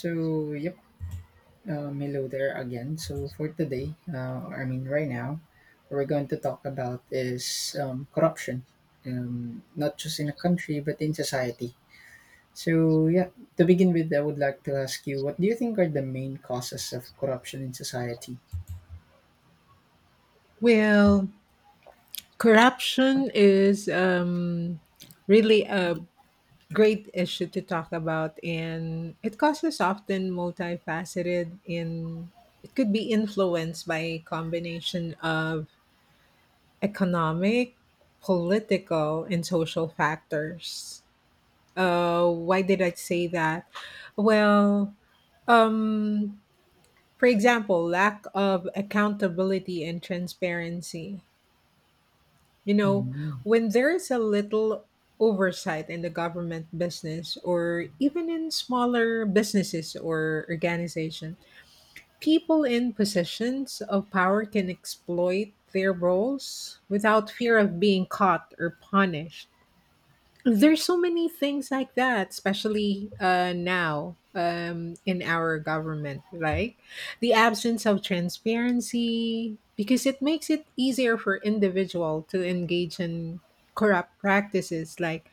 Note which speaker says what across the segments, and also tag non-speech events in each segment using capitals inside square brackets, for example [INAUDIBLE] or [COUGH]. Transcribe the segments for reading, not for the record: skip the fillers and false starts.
Speaker 1: So, yep, hello there again. So, for today, I mean, right now, what we're going to talk about is corruption, not just in a country, but in society. So, yeah, to begin with, I would like to ask you what do you think are the main causes of corruption in society?
Speaker 2: Well, corruption is really a great issue to talk about, and it causes often multifaceted, and it could be influenced by a combination of economic, political, and social factors. Why did I say that? Well, um, for example, lack of accountability and transparency You know,
Speaker 1: Mm-hmm.
Speaker 2: when there is a little oversight in the government business or even in smaller businesses or organization, people in positions of power can exploit their roles without fear of being caught or punished. There's so many things like that, especially now, in our government, like the absence of transparency, because it makes it easier for individual to engage in corrupt practices like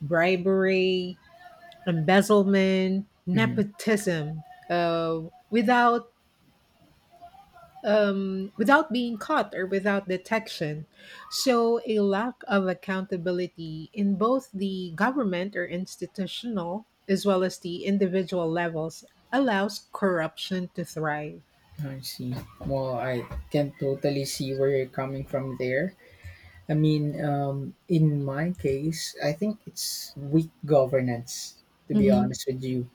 Speaker 2: bribery, embezzlement,
Speaker 1: Mm-hmm.
Speaker 2: nepotism, without without being caught or without detection. Show a lack of accountability in both the government or institutional as well as the individual levels, allows corruption to thrive.
Speaker 1: I see. Well, I can totally see where you're coming from there. I mean, in my case, I think it's weak governance, to be
Speaker 2: Mhm.
Speaker 1: honest with you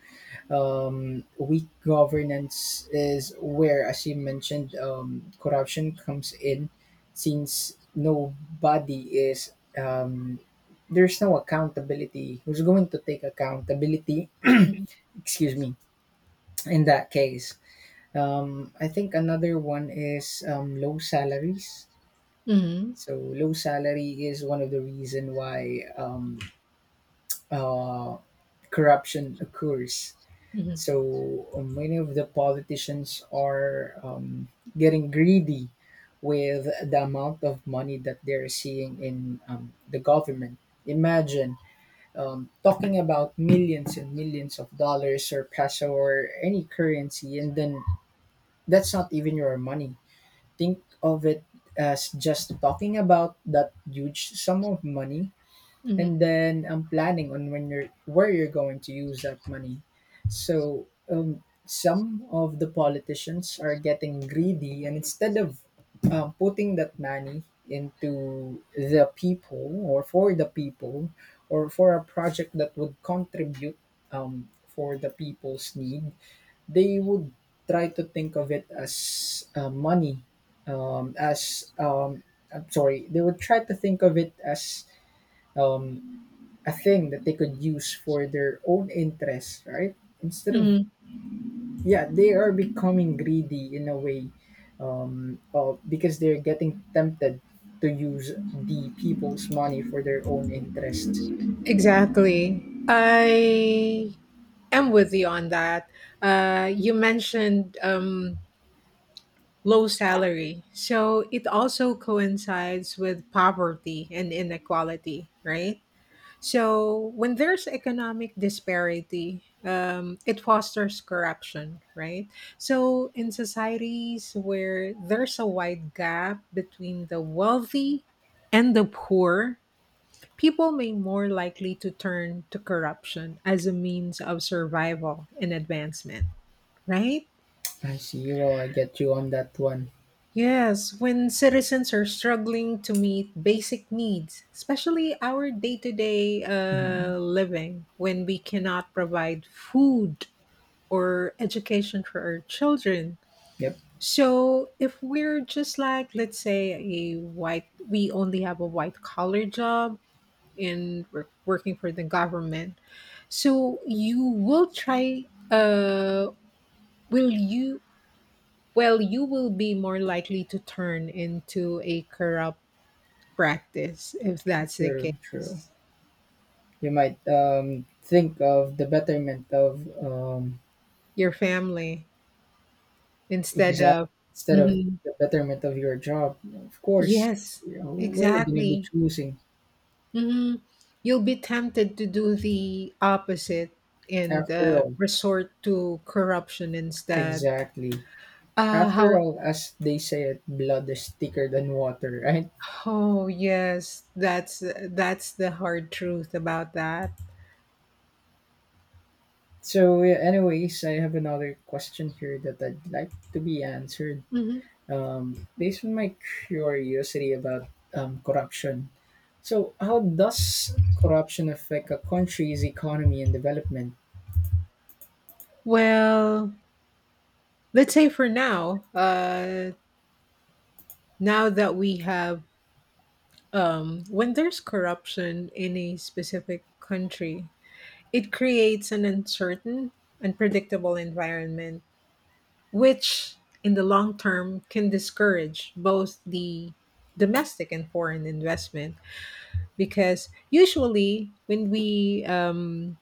Speaker 1: um, Weak governance is where, as you mentioned, corruption comes in, since nobody is um, there's no accountability. Who's going to take accountability?
Speaker 2: Mhm.
Speaker 1: [CLEARS THROAT] Excuse me. In that case, I think another one is low salaries.
Speaker 2: Mhm.
Speaker 1: So low salary is one of the reason why uh, corruption occurs.
Speaker 2: Mhm.
Speaker 1: So many of the politicians are getting greedy with the amount of money that they're seeing in the government. Imagine talking about millions and millions of dollars or peso or any currency, and then that's not even your money. Think of it as just talking about that huge sum of money,
Speaker 2: Mhm.
Speaker 1: and then I'm planning on when you're where you're going to use that money. So some of the politicians are getting greedy, and instead of putting that money into the people or for the people or for a project that would contribute for the people's need, they would try to think of it as money, as I'm sorry, they would try to think of it as um, a thing that they could use for their own interests, right? Instead of
Speaker 2: Mhm.
Speaker 1: Yeah, they are becoming greedy in a way, because they're getting tempted to use the people's money for their own interest.
Speaker 2: Exactly. I am with you on that. You mentioned. Low salary. So it also coincides with poverty and inequality, right? So when there's economic disparity, it fosters corruption, right? So in societies where there's a wide gap between the wealthy and the poor, people may more likely to turn to corruption as a means of survival and advancement, right?
Speaker 1: I see. Well, I get you on that one.
Speaker 2: Yes, when citizens are struggling to meet basic needs, especially our day to day
Speaker 1: Mhm.
Speaker 2: living, when we cannot provide food or education for our children.
Speaker 1: Yep.
Speaker 2: So, if we're just like, let's say, a white, we only have a white collar job and we're working for the government. So, uh, will you you will be more likely to turn into a corrupt practice if that's the
Speaker 1: True. True.
Speaker 2: case.
Speaker 1: You might think of the betterment of um
Speaker 2: Your family instead
Speaker 1: exact
Speaker 2: of.
Speaker 1: instead of
Speaker 2: Mhm.
Speaker 1: the betterment of your job. Of course,
Speaker 2: Yes,
Speaker 1: we're gonna be
Speaker 2: exactly.
Speaker 1: choosing
Speaker 2: Hmm. You'll be tempted to do the opposite and
Speaker 1: after all.
Speaker 2: resort to corruption instead.
Speaker 1: Exactly.
Speaker 2: Uh,
Speaker 1: After
Speaker 2: how?
Speaker 1: all, as they say, it blood is thicker than water, right?
Speaker 2: Oh yes, that's the hard truth about that.
Speaker 1: So, yeah, anyways, I have another question here that I'd like to be answered.
Speaker 2: Hmm.
Speaker 1: Based on my curiosity about corruption, so how does corruption affect a country's economy and development?
Speaker 2: Well, let's say for now, now that we have when there's corruption in a specific country, it creates an uncertain, unpredictable environment which in the long term can discourage both the domestic and foreign investment, because usually when we um,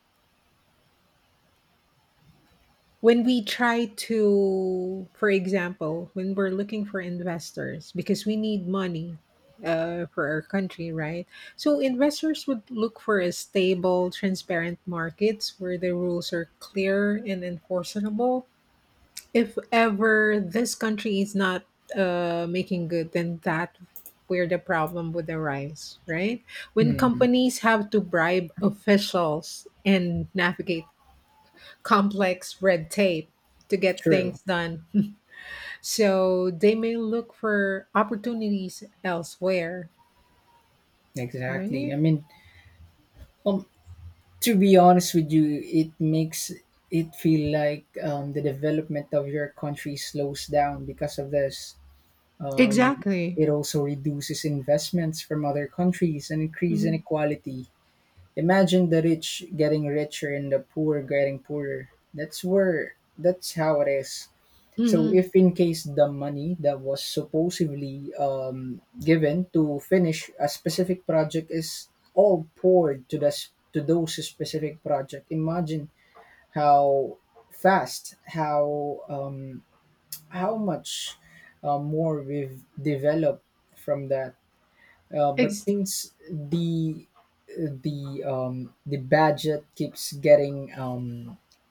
Speaker 2: when we try to for example, when we're looking for investors, because we need money for our country, right? So investors would look for a stable, transparent markets where the rules are clear and enforceable. If ever this country is not making good, then that where the problem would arise, right? When
Speaker 1: Hmm.
Speaker 2: companies have to bribe officials and navigate complex red tape to get
Speaker 1: True.
Speaker 2: things done. [LAUGHS] So they may look for opportunities elsewhere,
Speaker 1: Exactly.
Speaker 2: right?
Speaker 1: I mean, um, to be honest with you, it makes it feel like the development of your country slows down because of this Um,
Speaker 2: Exactly.
Speaker 1: it also reduces investments from other countries and increase
Speaker 2: Mm-hmm.
Speaker 1: inequality. Imagine the rich getting richer and the poor getting poorer. That's how it is. So
Speaker 2: Hmm.
Speaker 1: if in case the money that was supposedly given to finish a specific project is all poured to this to those specific project, imagine how fast, how much more we've developed from that. But
Speaker 2: Ex-
Speaker 1: things the budget keeps getting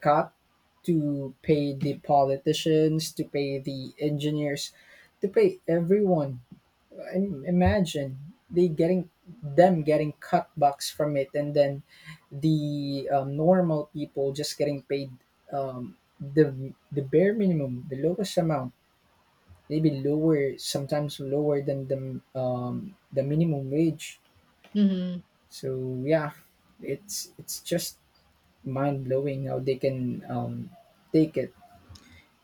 Speaker 1: cut to pay the politicians, to pay the engineers, to pay everyone. Imagine they getting them getting cutbacks from it, and then the normal people just getting paid the bare minimum, the lowest amount maybe lower, sometimes lower than the the minimum wage.
Speaker 2: hmm.
Speaker 1: So yeah, it's just mind blowing how they can take it.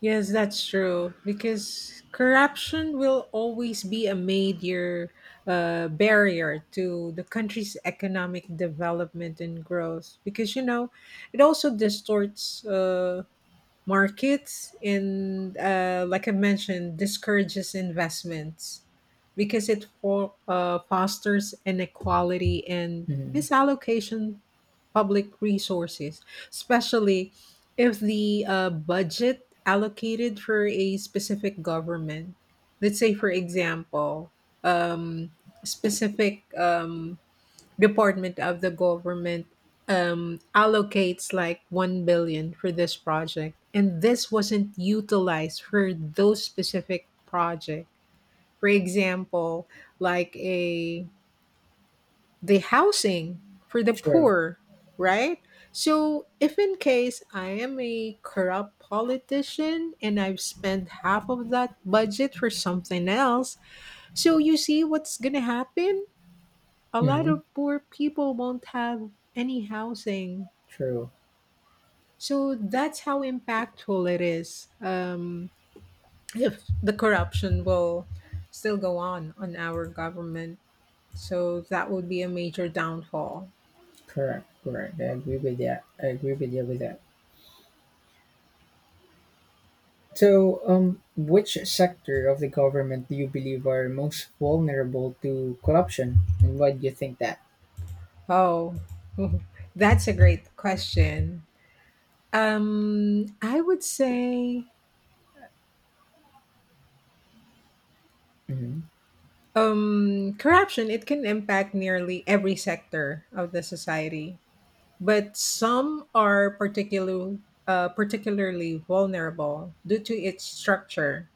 Speaker 2: Yes, that's true. Because corruption will always be a major barrier to the country's economic development and growth. Because, it also distorts markets and, like I mentioned, discourages investments, because it fosters inequality and
Speaker 1: Mm,
Speaker 2: misallocation public resources, especially if the budget allocated for a specific government. Let's say for example, um, specific, department of the government allocates like 1 billion for this project and this wasn't utilized for those specific project. For example, like a the housing for the
Speaker 1: true.
Speaker 2: poor, right? So if in case I am a corrupt politician and I've spent half of that budget for something else, so you see what's gonna happen, a lot
Speaker 1: Mm-hmm.
Speaker 2: of poor people won't have any housing.
Speaker 1: True.
Speaker 2: So that's how impactful it is. If the corruption will still go on our government, so that would be a major downfall.
Speaker 1: Correct. Correct. I agree with that. I agree with you with that. So, which sector of the government do you believe are most vulnerable to corruption, and why do you think that?
Speaker 2: Oh, [LAUGHS] that's a great question. I would say,
Speaker 1: Mm-hmm.
Speaker 2: corruption. It can impact nearly every sector of the society, but some are particularly vulnerable due to its structure,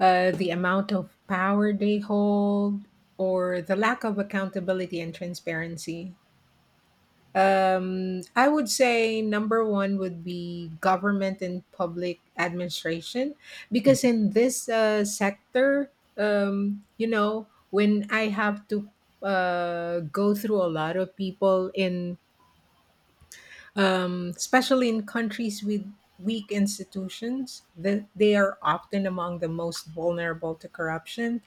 Speaker 2: the amount of power they hold, or the lack of accountability and transparency. I would say number one would be government and public administration, because
Speaker 1: Mm-hmm.
Speaker 2: in this sector, when I have to, go through a lot of people in especially in countries with weak institutions, that they are often among the most vulnerable to corruption,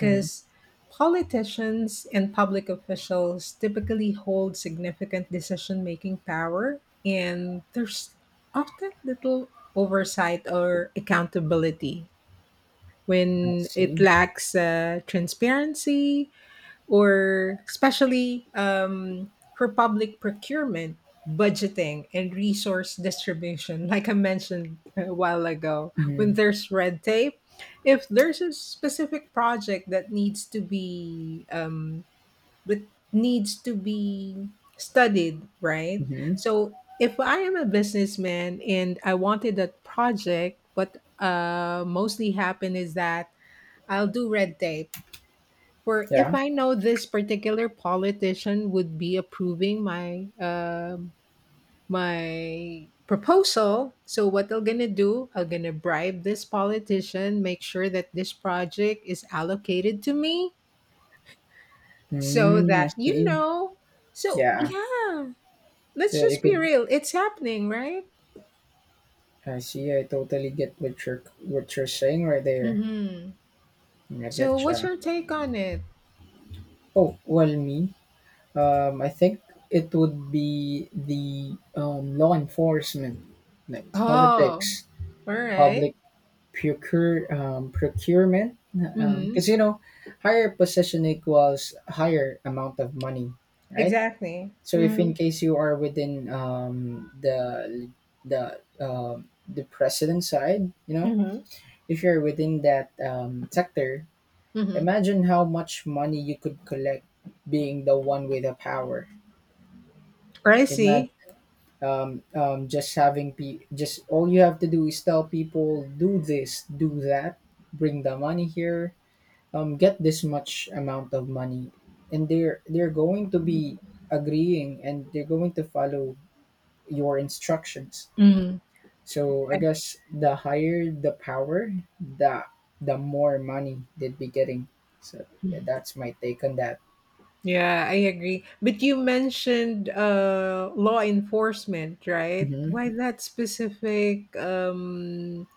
Speaker 1: Mm-hmm.
Speaker 2: politicians and public officials typically hold significant decision making power, and there's often little oversight or accountability.
Speaker 1: I
Speaker 2: When it
Speaker 1: see.
Speaker 2: lacks transparency, or especially for public procurement, budgeting, and resource distribution, [LAUGHS] like I mentioned a while ago. When
Speaker 1: Mm-hmm.
Speaker 2: there's red tape, if there's a specific project that needs to be that needs to be studied, right?
Speaker 1: Mm-hmm.
Speaker 2: So if I am a businessman and I wanted that project, what mostly happen is that I'll do red tape, for if
Speaker 1: Yeah.
Speaker 2: I know this particular politician would be approving my proposal, so what I'm gonna do, I'm gonna bribe this politician, make sure that this project is allocated to me, so
Speaker 1: Mm, I
Speaker 2: that you
Speaker 1: see.
Speaker 2: know. So
Speaker 1: Yeah,
Speaker 2: yeah,
Speaker 1: so
Speaker 2: let's
Speaker 1: you
Speaker 2: just
Speaker 1: could.
Speaker 2: be real. It's happening, right?
Speaker 1: I see. I totally get what you're saying right there.
Speaker 2: Mm-hmm.
Speaker 1: I
Speaker 2: So what's
Speaker 1: getcha.
Speaker 2: your take on it?
Speaker 1: Oh well, me. I think it would be the law enforcement, like
Speaker 2: Oh,
Speaker 1: politics,
Speaker 2: all right.
Speaker 1: public procurement.
Speaker 2: Mm-hmm.
Speaker 1: Because you know, higher position equals higher amount of money, right?
Speaker 2: Exactly.
Speaker 1: So if
Speaker 2: Mm-hmm.
Speaker 1: in case you are within the president side.
Speaker 2: Mm-hmm.
Speaker 1: If you're within that sector,
Speaker 2: Mm-hmm.
Speaker 1: imagine how much money you could collect being the one with the power.
Speaker 2: I
Speaker 1: Imagine
Speaker 2: see.
Speaker 1: just all you have to do is tell people do this, do that, bring the money here, get this much amount of money, and they're going to be agreeing, and they're going to follow your instructions.
Speaker 2: Mhm.
Speaker 1: So I
Speaker 2: I-
Speaker 1: guess the higher the power, the the more money they'd be getting. So yeah, that's my take on that.
Speaker 2: Yeah, I agree. But you mentioned, law enforcement, right?
Speaker 1: Mhm.
Speaker 2: Why that specific? Um,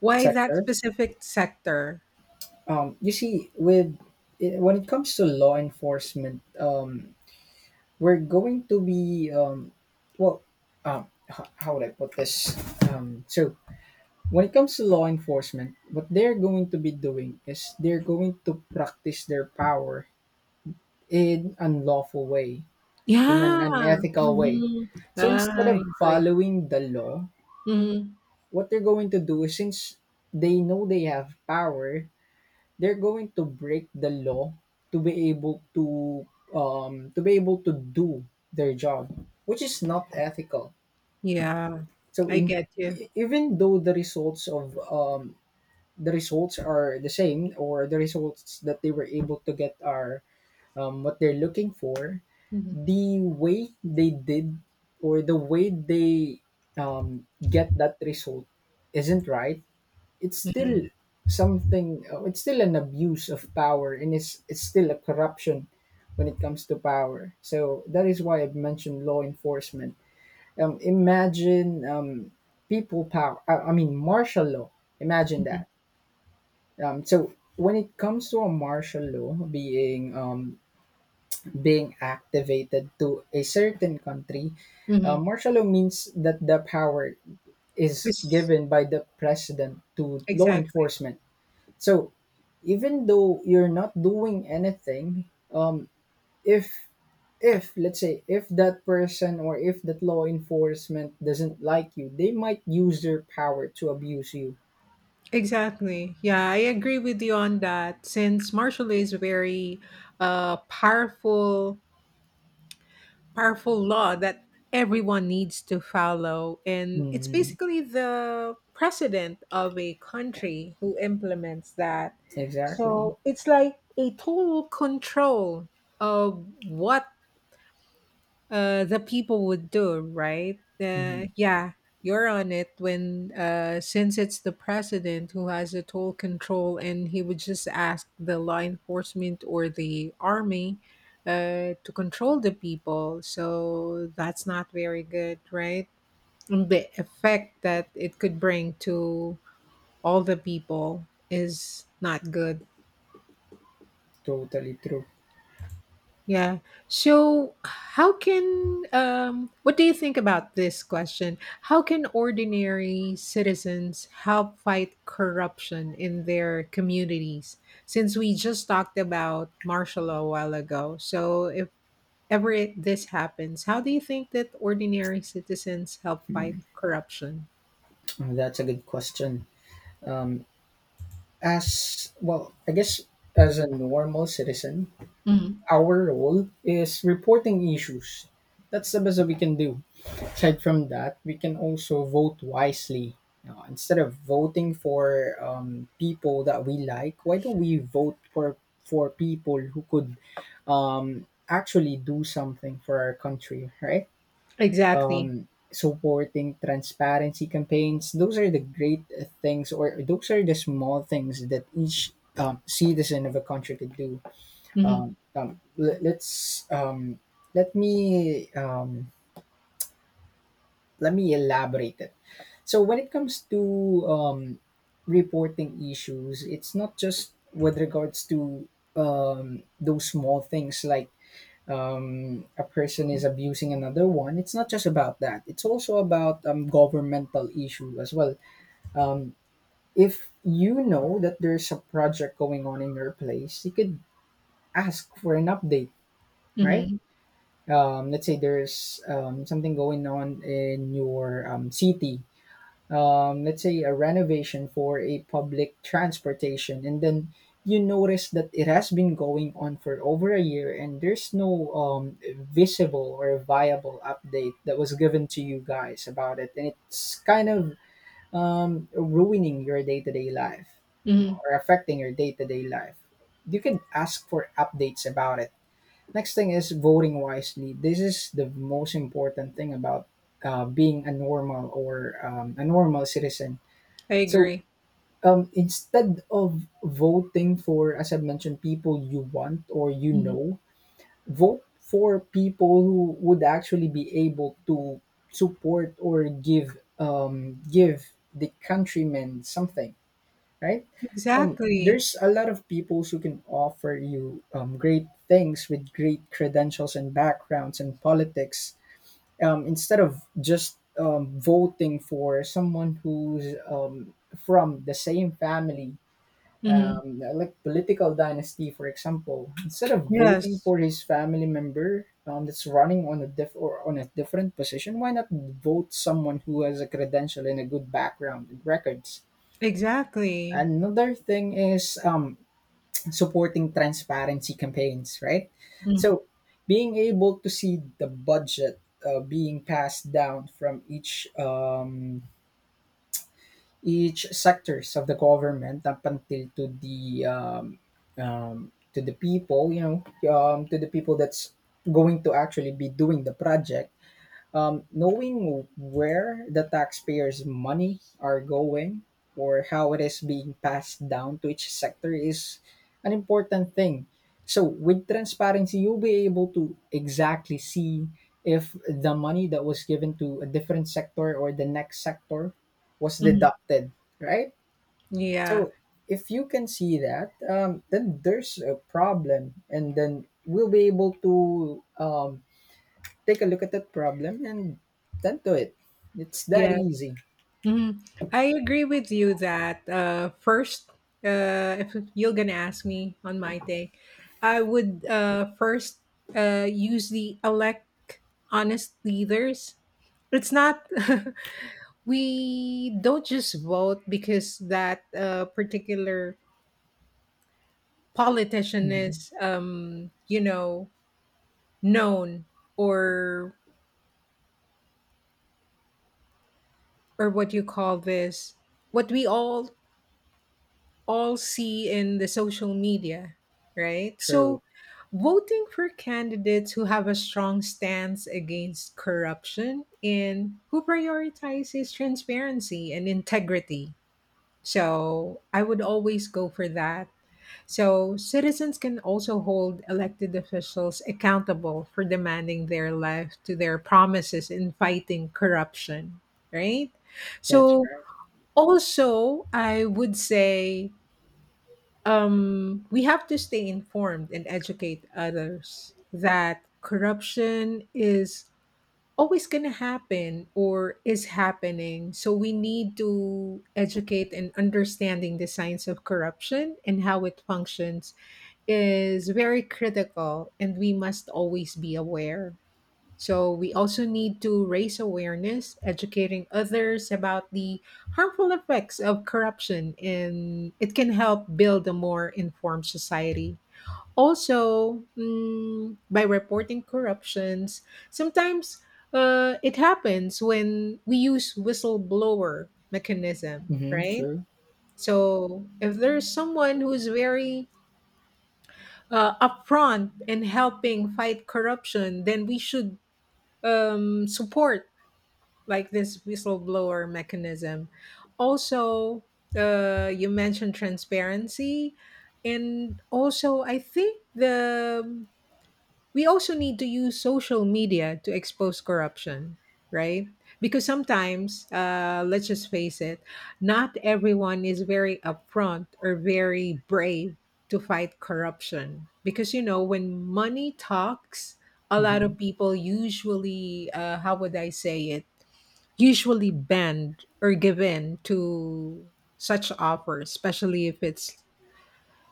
Speaker 2: why that
Speaker 1: Sector.
Speaker 2: specific sector?
Speaker 1: You see, when it comes to law enforcement, we're going to be well, how would I put this? So when it comes to law enforcement, what they're going to be doing is they're going to practice their power in unlawful way in an
Speaker 2: Yeah.
Speaker 1: unethical way.
Speaker 2: Hmm.
Speaker 1: So
Speaker 2: Ah,
Speaker 1: instead
Speaker 2: I
Speaker 1: of
Speaker 2: agree.
Speaker 1: following the law,
Speaker 2: Hmm.
Speaker 1: what they're going to do is, since they know they have power, they're going to break the law to be able to be able to do their job, which is not ethical.
Speaker 2: Yeah,
Speaker 1: So
Speaker 2: I
Speaker 1: in
Speaker 2: get you.
Speaker 1: e- even though the results are the same, or the results that they were able to get are what they're looking for,
Speaker 2: Hmm.
Speaker 1: the way they did, or the way they get that result isn't right. It's still
Speaker 2: Hmm.
Speaker 1: something, it's still an abuse of power, and it's still a corruption when it comes to power, so that is why I've mentioned law enforcement. Imagine people power. I mean martial law. Imagine
Speaker 2: Hmm.
Speaker 1: that. So when it comes to a martial law being activated to a certain country,
Speaker 2: Hmm.
Speaker 1: martial law means that the power is given by the president to law
Speaker 2: Exactly.
Speaker 1: enforcement. So, even though you're not doing anything, if if let's say, if that person or if that law enforcement doesn't like you, they might use their power to abuse you.
Speaker 2: Exactly. Yeah, I agree with you on that. Since martial law is very, uh, powerful powerful law that everyone needs to follow. And it's
Speaker 1: Mm,
Speaker 2: basically the president of a country who implements that.
Speaker 1: exactly.
Speaker 2: So it's like a total control of what the people would do, right?
Speaker 1: Mhm.
Speaker 2: Yeah, you're on it, when since it's the president who has the total control and he would just ask the law enforcement or the army to control the people, so that's not very good, right? And the effect that it could bring to all the people is not good.
Speaker 1: Totally true.
Speaker 2: Yeah. So, how can what do you think about this question? How can ordinary citizens help fight corruption in their communities? Since we just talked about martial law a while ago. So, if ever this happens, how do you think that ordinary citizens help fight
Speaker 1: Mm.
Speaker 2: corruption?
Speaker 1: Oh, that's a good question. Um, as well, I guess, as a normal citizen
Speaker 2: Mhm.
Speaker 1: our role is reporting issues. That's the best that we can do. Aside from that, we can also vote wisely. You Instead of voting for people that we like, why don't we vote for people who could actually do something for our country, right?
Speaker 2: Exactly.
Speaker 1: Supporting transparency campaigns. Those are the great things, or those are the small things that each citizen of a country could do.
Speaker 2: Mhm.
Speaker 1: Um, um, let, let's um, let me um, let me elaborate it. So when it comes to reporting issues, it's not just with regards to those small things like a person is abusing another one, it's not just about that. It's also about governmental issue as well. Um, if you know that there's a project going on in your place, you could ask for an update, right?
Speaker 2: Mhm.
Speaker 1: Let's say there's something going on in your city, let's say a renovation for a public transportation, and then you notice that it has been going on for over a year, and there's no visible or viable update that was given to you guys about it, and it's kind of ruining your day-to-day life,
Speaker 2: Mhm.
Speaker 1: or affecting your day-to-day life. You can ask for updates about it. Next thing is voting wisely. This is the most important thing about being a normal citizen.
Speaker 2: I
Speaker 1: So
Speaker 2: agree.
Speaker 1: instead of voting for, as I mentioned, people you want, or
Speaker 2: Mhm.
Speaker 1: vote for people who would actually be able to support or give the countrymen something, right?
Speaker 2: Exactly.
Speaker 1: There's a lot of people who can offer you great things with great credentials and backgrounds and politics, instead of just voting for someone who's from the same family,
Speaker 2: Mhm.
Speaker 1: like political dynasty, for example. Instead of voting
Speaker 2: Yes.
Speaker 1: for his family member that's running on a different position, why not vote someone who has a credential and a good background and records?
Speaker 2: Exactly.
Speaker 1: Another thing is supporting transparency campaigns, right?
Speaker 2: Mhm.
Speaker 1: So being able to see the budget being passed down from each sectors of the government up until to the people, to the people that's going to actually be doing the project, knowing where the taxpayers' money are going, or how it is being passed down to each sector is an important thing. So, with transparency, you'll be able to exactly see if the money that was given to a different sector or the next sector was
Speaker 2: Mhm.
Speaker 1: deducted, right?
Speaker 2: Yeah.
Speaker 1: So, if you can see that, then there's a problem, and then we'll be able to take a look at that problem and tend to it. It's that
Speaker 2: Yes.
Speaker 1: easy.
Speaker 2: Mhm. I agree with you that, first, if you're gonna ask me on my take, I would, first, use the elect honest leaders. It's not, [LAUGHS] we don't just vote because that, particular politician
Speaker 1: Hmm.
Speaker 2: is, known, or or what you call this, what we all see in the social media, right? So,
Speaker 1: True.
Speaker 2: voting for candidates who have a strong stance against corruption and who prioritizes transparency and integrity. So, I would always go for that. So, citizens can also hold elected officials accountable for demanding their life to their promises in fighting corruption, right?
Speaker 1: That's
Speaker 2: So,
Speaker 1: right.
Speaker 2: also, I would say, we have to stay informed and educate others that corruption is always going to happen or is happening. So we need to educate, and understanding the science of corruption and how it functions is very critical, and we must always be aware. So we also need to raise awareness, educating others about the harmful effects of corruption, and it can help build a more informed society. Also, by reporting corruptions, sometimes, it happens when we use whistleblower mechanism,
Speaker 1: Hmm.
Speaker 2: right?
Speaker 1: True.
Speaker 2: So if there's someone who is very, upfront in helping fight corruption, then we should, support like this whistleblower mechanism. Also, you mentioned transparency, and also I think the we also need to use social media to expose corruption, right? Because sometimes, let's just face it, not everyone is very upfront or very brave to fight corruption. Because when money talks, a lot
Speaker 1: Hmm.
Speaker 2: of people usually, how would I say it? Usually bend or give in to such offers, especially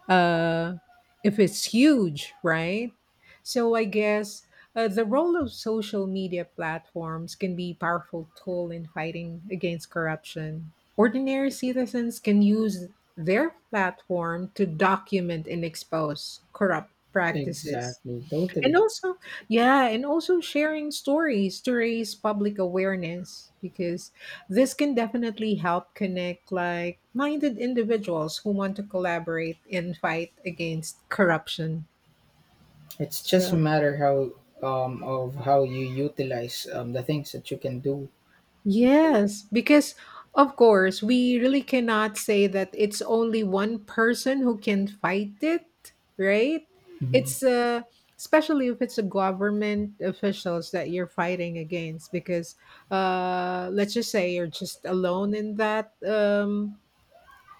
Speaker 2: uh if it's huge, right? So I guess, the role of social media platforms can be a powerful tool in fighting against corruption. Ordinary citizens can use their platform to document and expose corrupt practices.
Speaker 1: Exactly.
Speaker 2: And
Speaker 1: Totally.
Speaker 2: also, yeah, and also, sharing stories to raise public awareness, because this can definitely help connect like minded individuals who want to collaborate and fight against corruption.
Speaker 1: It's just a
Speaker 2: So,
Speaker 1: matter how of how you utilize the things that you can do. So
Speaker 2: yes, because of course, we really cannot say that it's only one person who can fight it, right? It's, especially if it's a government officials that you're fighting against, because, let's just say you're just alone in that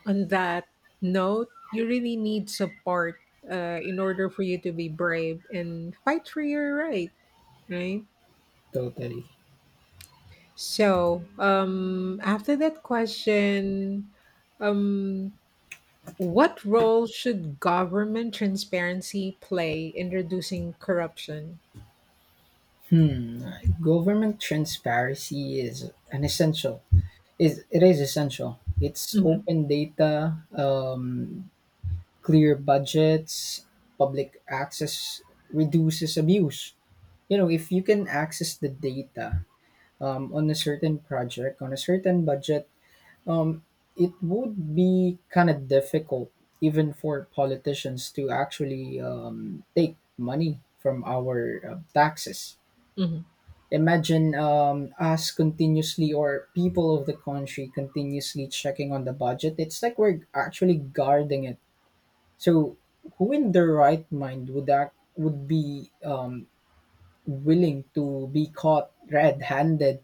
Speaker 2: on that note, you really need support, in order for you to be brave and fight for your right, right?
Speaker 1: totally.
Speaker 2: So, after that question, um, what role should government transparency play in reducing corruption?
Speaker 1: Hmm. Government transparency is an essential. Is it is essential. It's
Speaker 2: Mhm.
Speaker 1: open data, clear budgets, public access reduces abuse. You know, if you can access the data on a certain project, on a certain budget, um, it would be kind of difficult even for politicians to actually take money from our taxes.
Speaker 2: Mhm.
Speaker 1: Imagine us continuously, or people of the country continuously checking on the budget. It's like we're actually guarding it. So who in their right mind would be willing to be caught red-handed?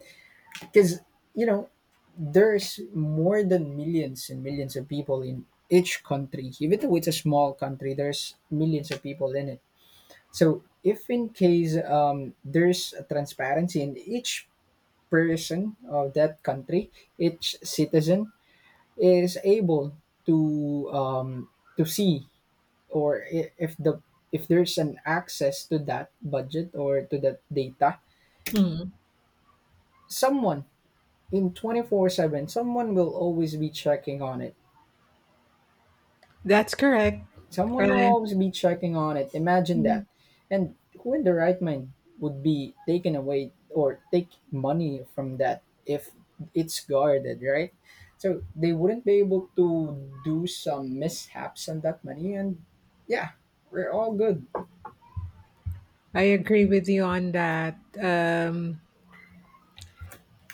Speaker 1: Because you know, there's more than millions and millions of people in each country. Even though it's a small country, there's millions of people in it. So if in case there's a transparency in each person of that country, each citizen is able to um, to see, or if there's an access to that budget or to that data,
Speaker 2: Mhm.
Speaker 1: someone in 24/7, someone will always be checking on it.
Speaker 2: That's correct.
Speaker 1: Someone will
Speaker 2: I,
Speaker 1: always be checking on it. Imagine that. And who in the right mind would be taken away or take money from that if it's guarded, right? So they wouldn't be able to do some mishaps on that money, and yeah, we're all good.
Speaker 2: I agree with you on that,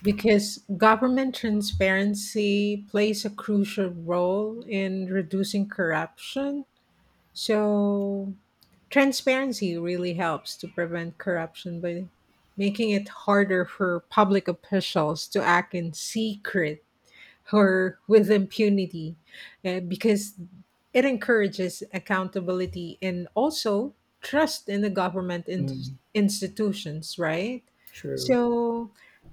Speaker 2: because government transparency plays a crucial role in reducing corruption. So, transparency really helps to prevent corruption by making it harder for public officials to act in secret or with impunity, because it encourages accountability and also trust in the government
Speaker 1: Mm,
Speaker 2: institutions, right?
Speaker 1: true.
Speaker 2: So,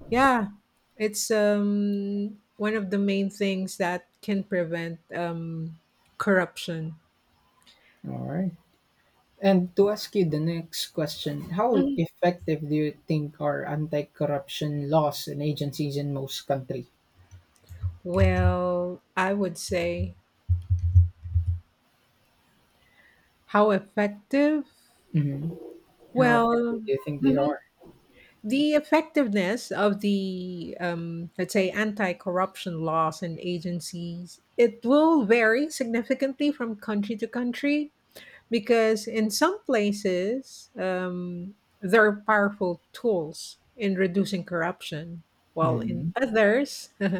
Speaker 2: yeah, it's, one of the main things that can prevent, corruption.
Speaker 1: All right. And to ask you the next question, how effective do you think are anti-corruption laws and agencies in most country?
Speaker 2: Well, I would say, how effective?
Speaker 1: Mhm. How
Speaker 2: Well,
Speaker 1: effective do you think they
Speaker 2: mhm.
Speaker 1: are?
Speaker 2: The effectiveness of the, let's say, anti corruption laws and agencies, it will vary significantly from country to country, because in some places, they're powerful tools in reducing corruption, while in
Speaker 1: Mhm.
Speaker 2: others, [LAUGHS]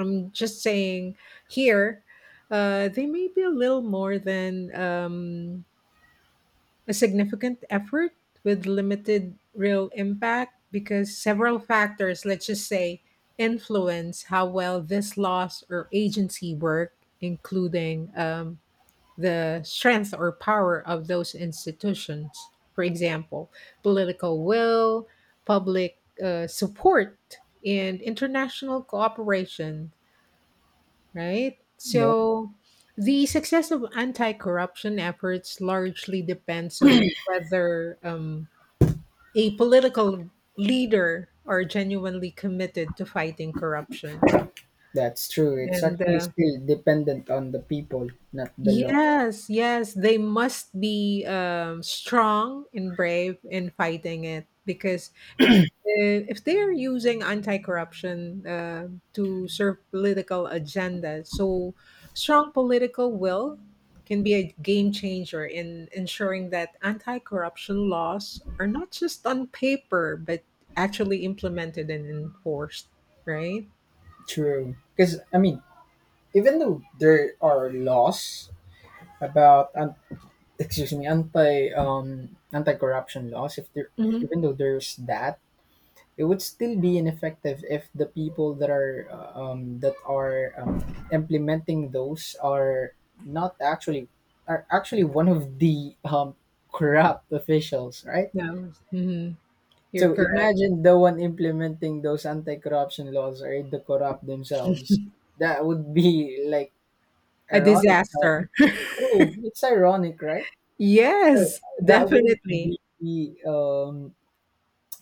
Speaker 2: I'm just saying here, they may be a little more than, a significant effort with limited real impact, because several factors, let's just say, influence how well this laws or agency work, including, the strength or power of those institutions. For example, political will, public, support, and international cooperation, right?
Speaker 1: Yep,
Speaker 2: So, the success of anti corruption efforts largely depends on whether, a political leader are genuinely committed to fighting corruption.
Speaker 1: that's true. It's
Speaker 2: And
Speaker 1: actually still dependent on the people, not the laws.
Speaker 2: Yes, yes, they must be, strong and brave in fighting it, because if uh, if they are using anti-corruption, to serve political agenda, so strong political will can be a game changer in ensuring that anti-corruption laws are not just on paper, but actually implemented and enforced, right?
Speaker 1: True. Because, I mean, even though there are laws about, excuse me, anti-corruption laws, if there,
Speaker 2: Mm-hmm.
Speaker 1: even though there's that, it would still be ineffective if the people that are implementing those are not actually, are actually one of the corrupt officials, right?
Speaker 2: No, mhm, you're
Speaker 1: So
Speaker 2: correct.
Speaker 1: imagine the one implementing those anti-corruption laws are the corrupt themselves. That would be like
Speaker 2: A
Speaker 1: ironic.
Speaker 2: disaster.
Speaker 1: True, it's ironic, right? So
Speaker 2: Yes,
Speaker 1: that wouldn't
Speaker 2: definitely.
Speaker 1: be, um,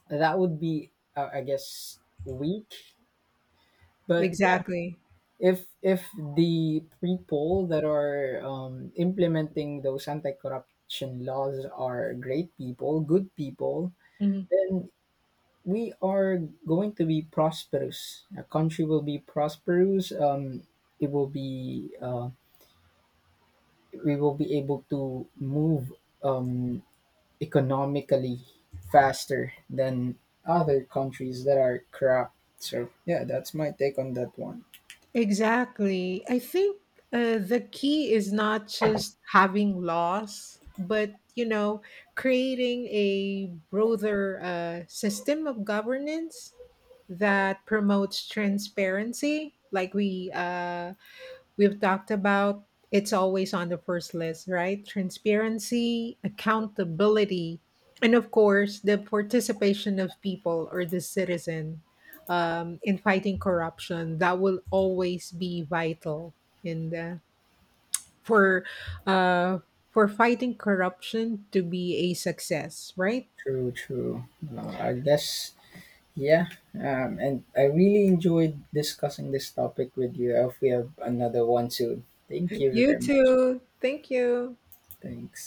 Speaker 1: that would be, I guess, weak, but
Speaker 2: Exactly.
Speaker 1: if the people that are implementing those anti-corruption laws are great people, good people,
Speaker 2: Mhm.
Speaker 1: then we are going to be prosperous. A country will be prosperous. It will be, we will be able to move um, economically faster than other countries that are corrupt. So yeah, that's my take on that one.
Speaker 2: Exactly. I think, the key is not just having loss, but creating a broader, system of governance that promotes transparency, like we've talked about. It's always on the first list, right? Transparency, accountability, and of course, the participation of people or the citizen, in fighting corruption. That will always be vital in the for uh, for fighting corruption to be a success, right?
Speaker 1: True, true. I guess. Yeah, and I really enjoyed discussing this topic with you. I hope we have another one soon. Thank you
Speaker 2: You
Speaker 1: very much.
Speaker 2: too. Thank you.
Speaker 1: Thanks.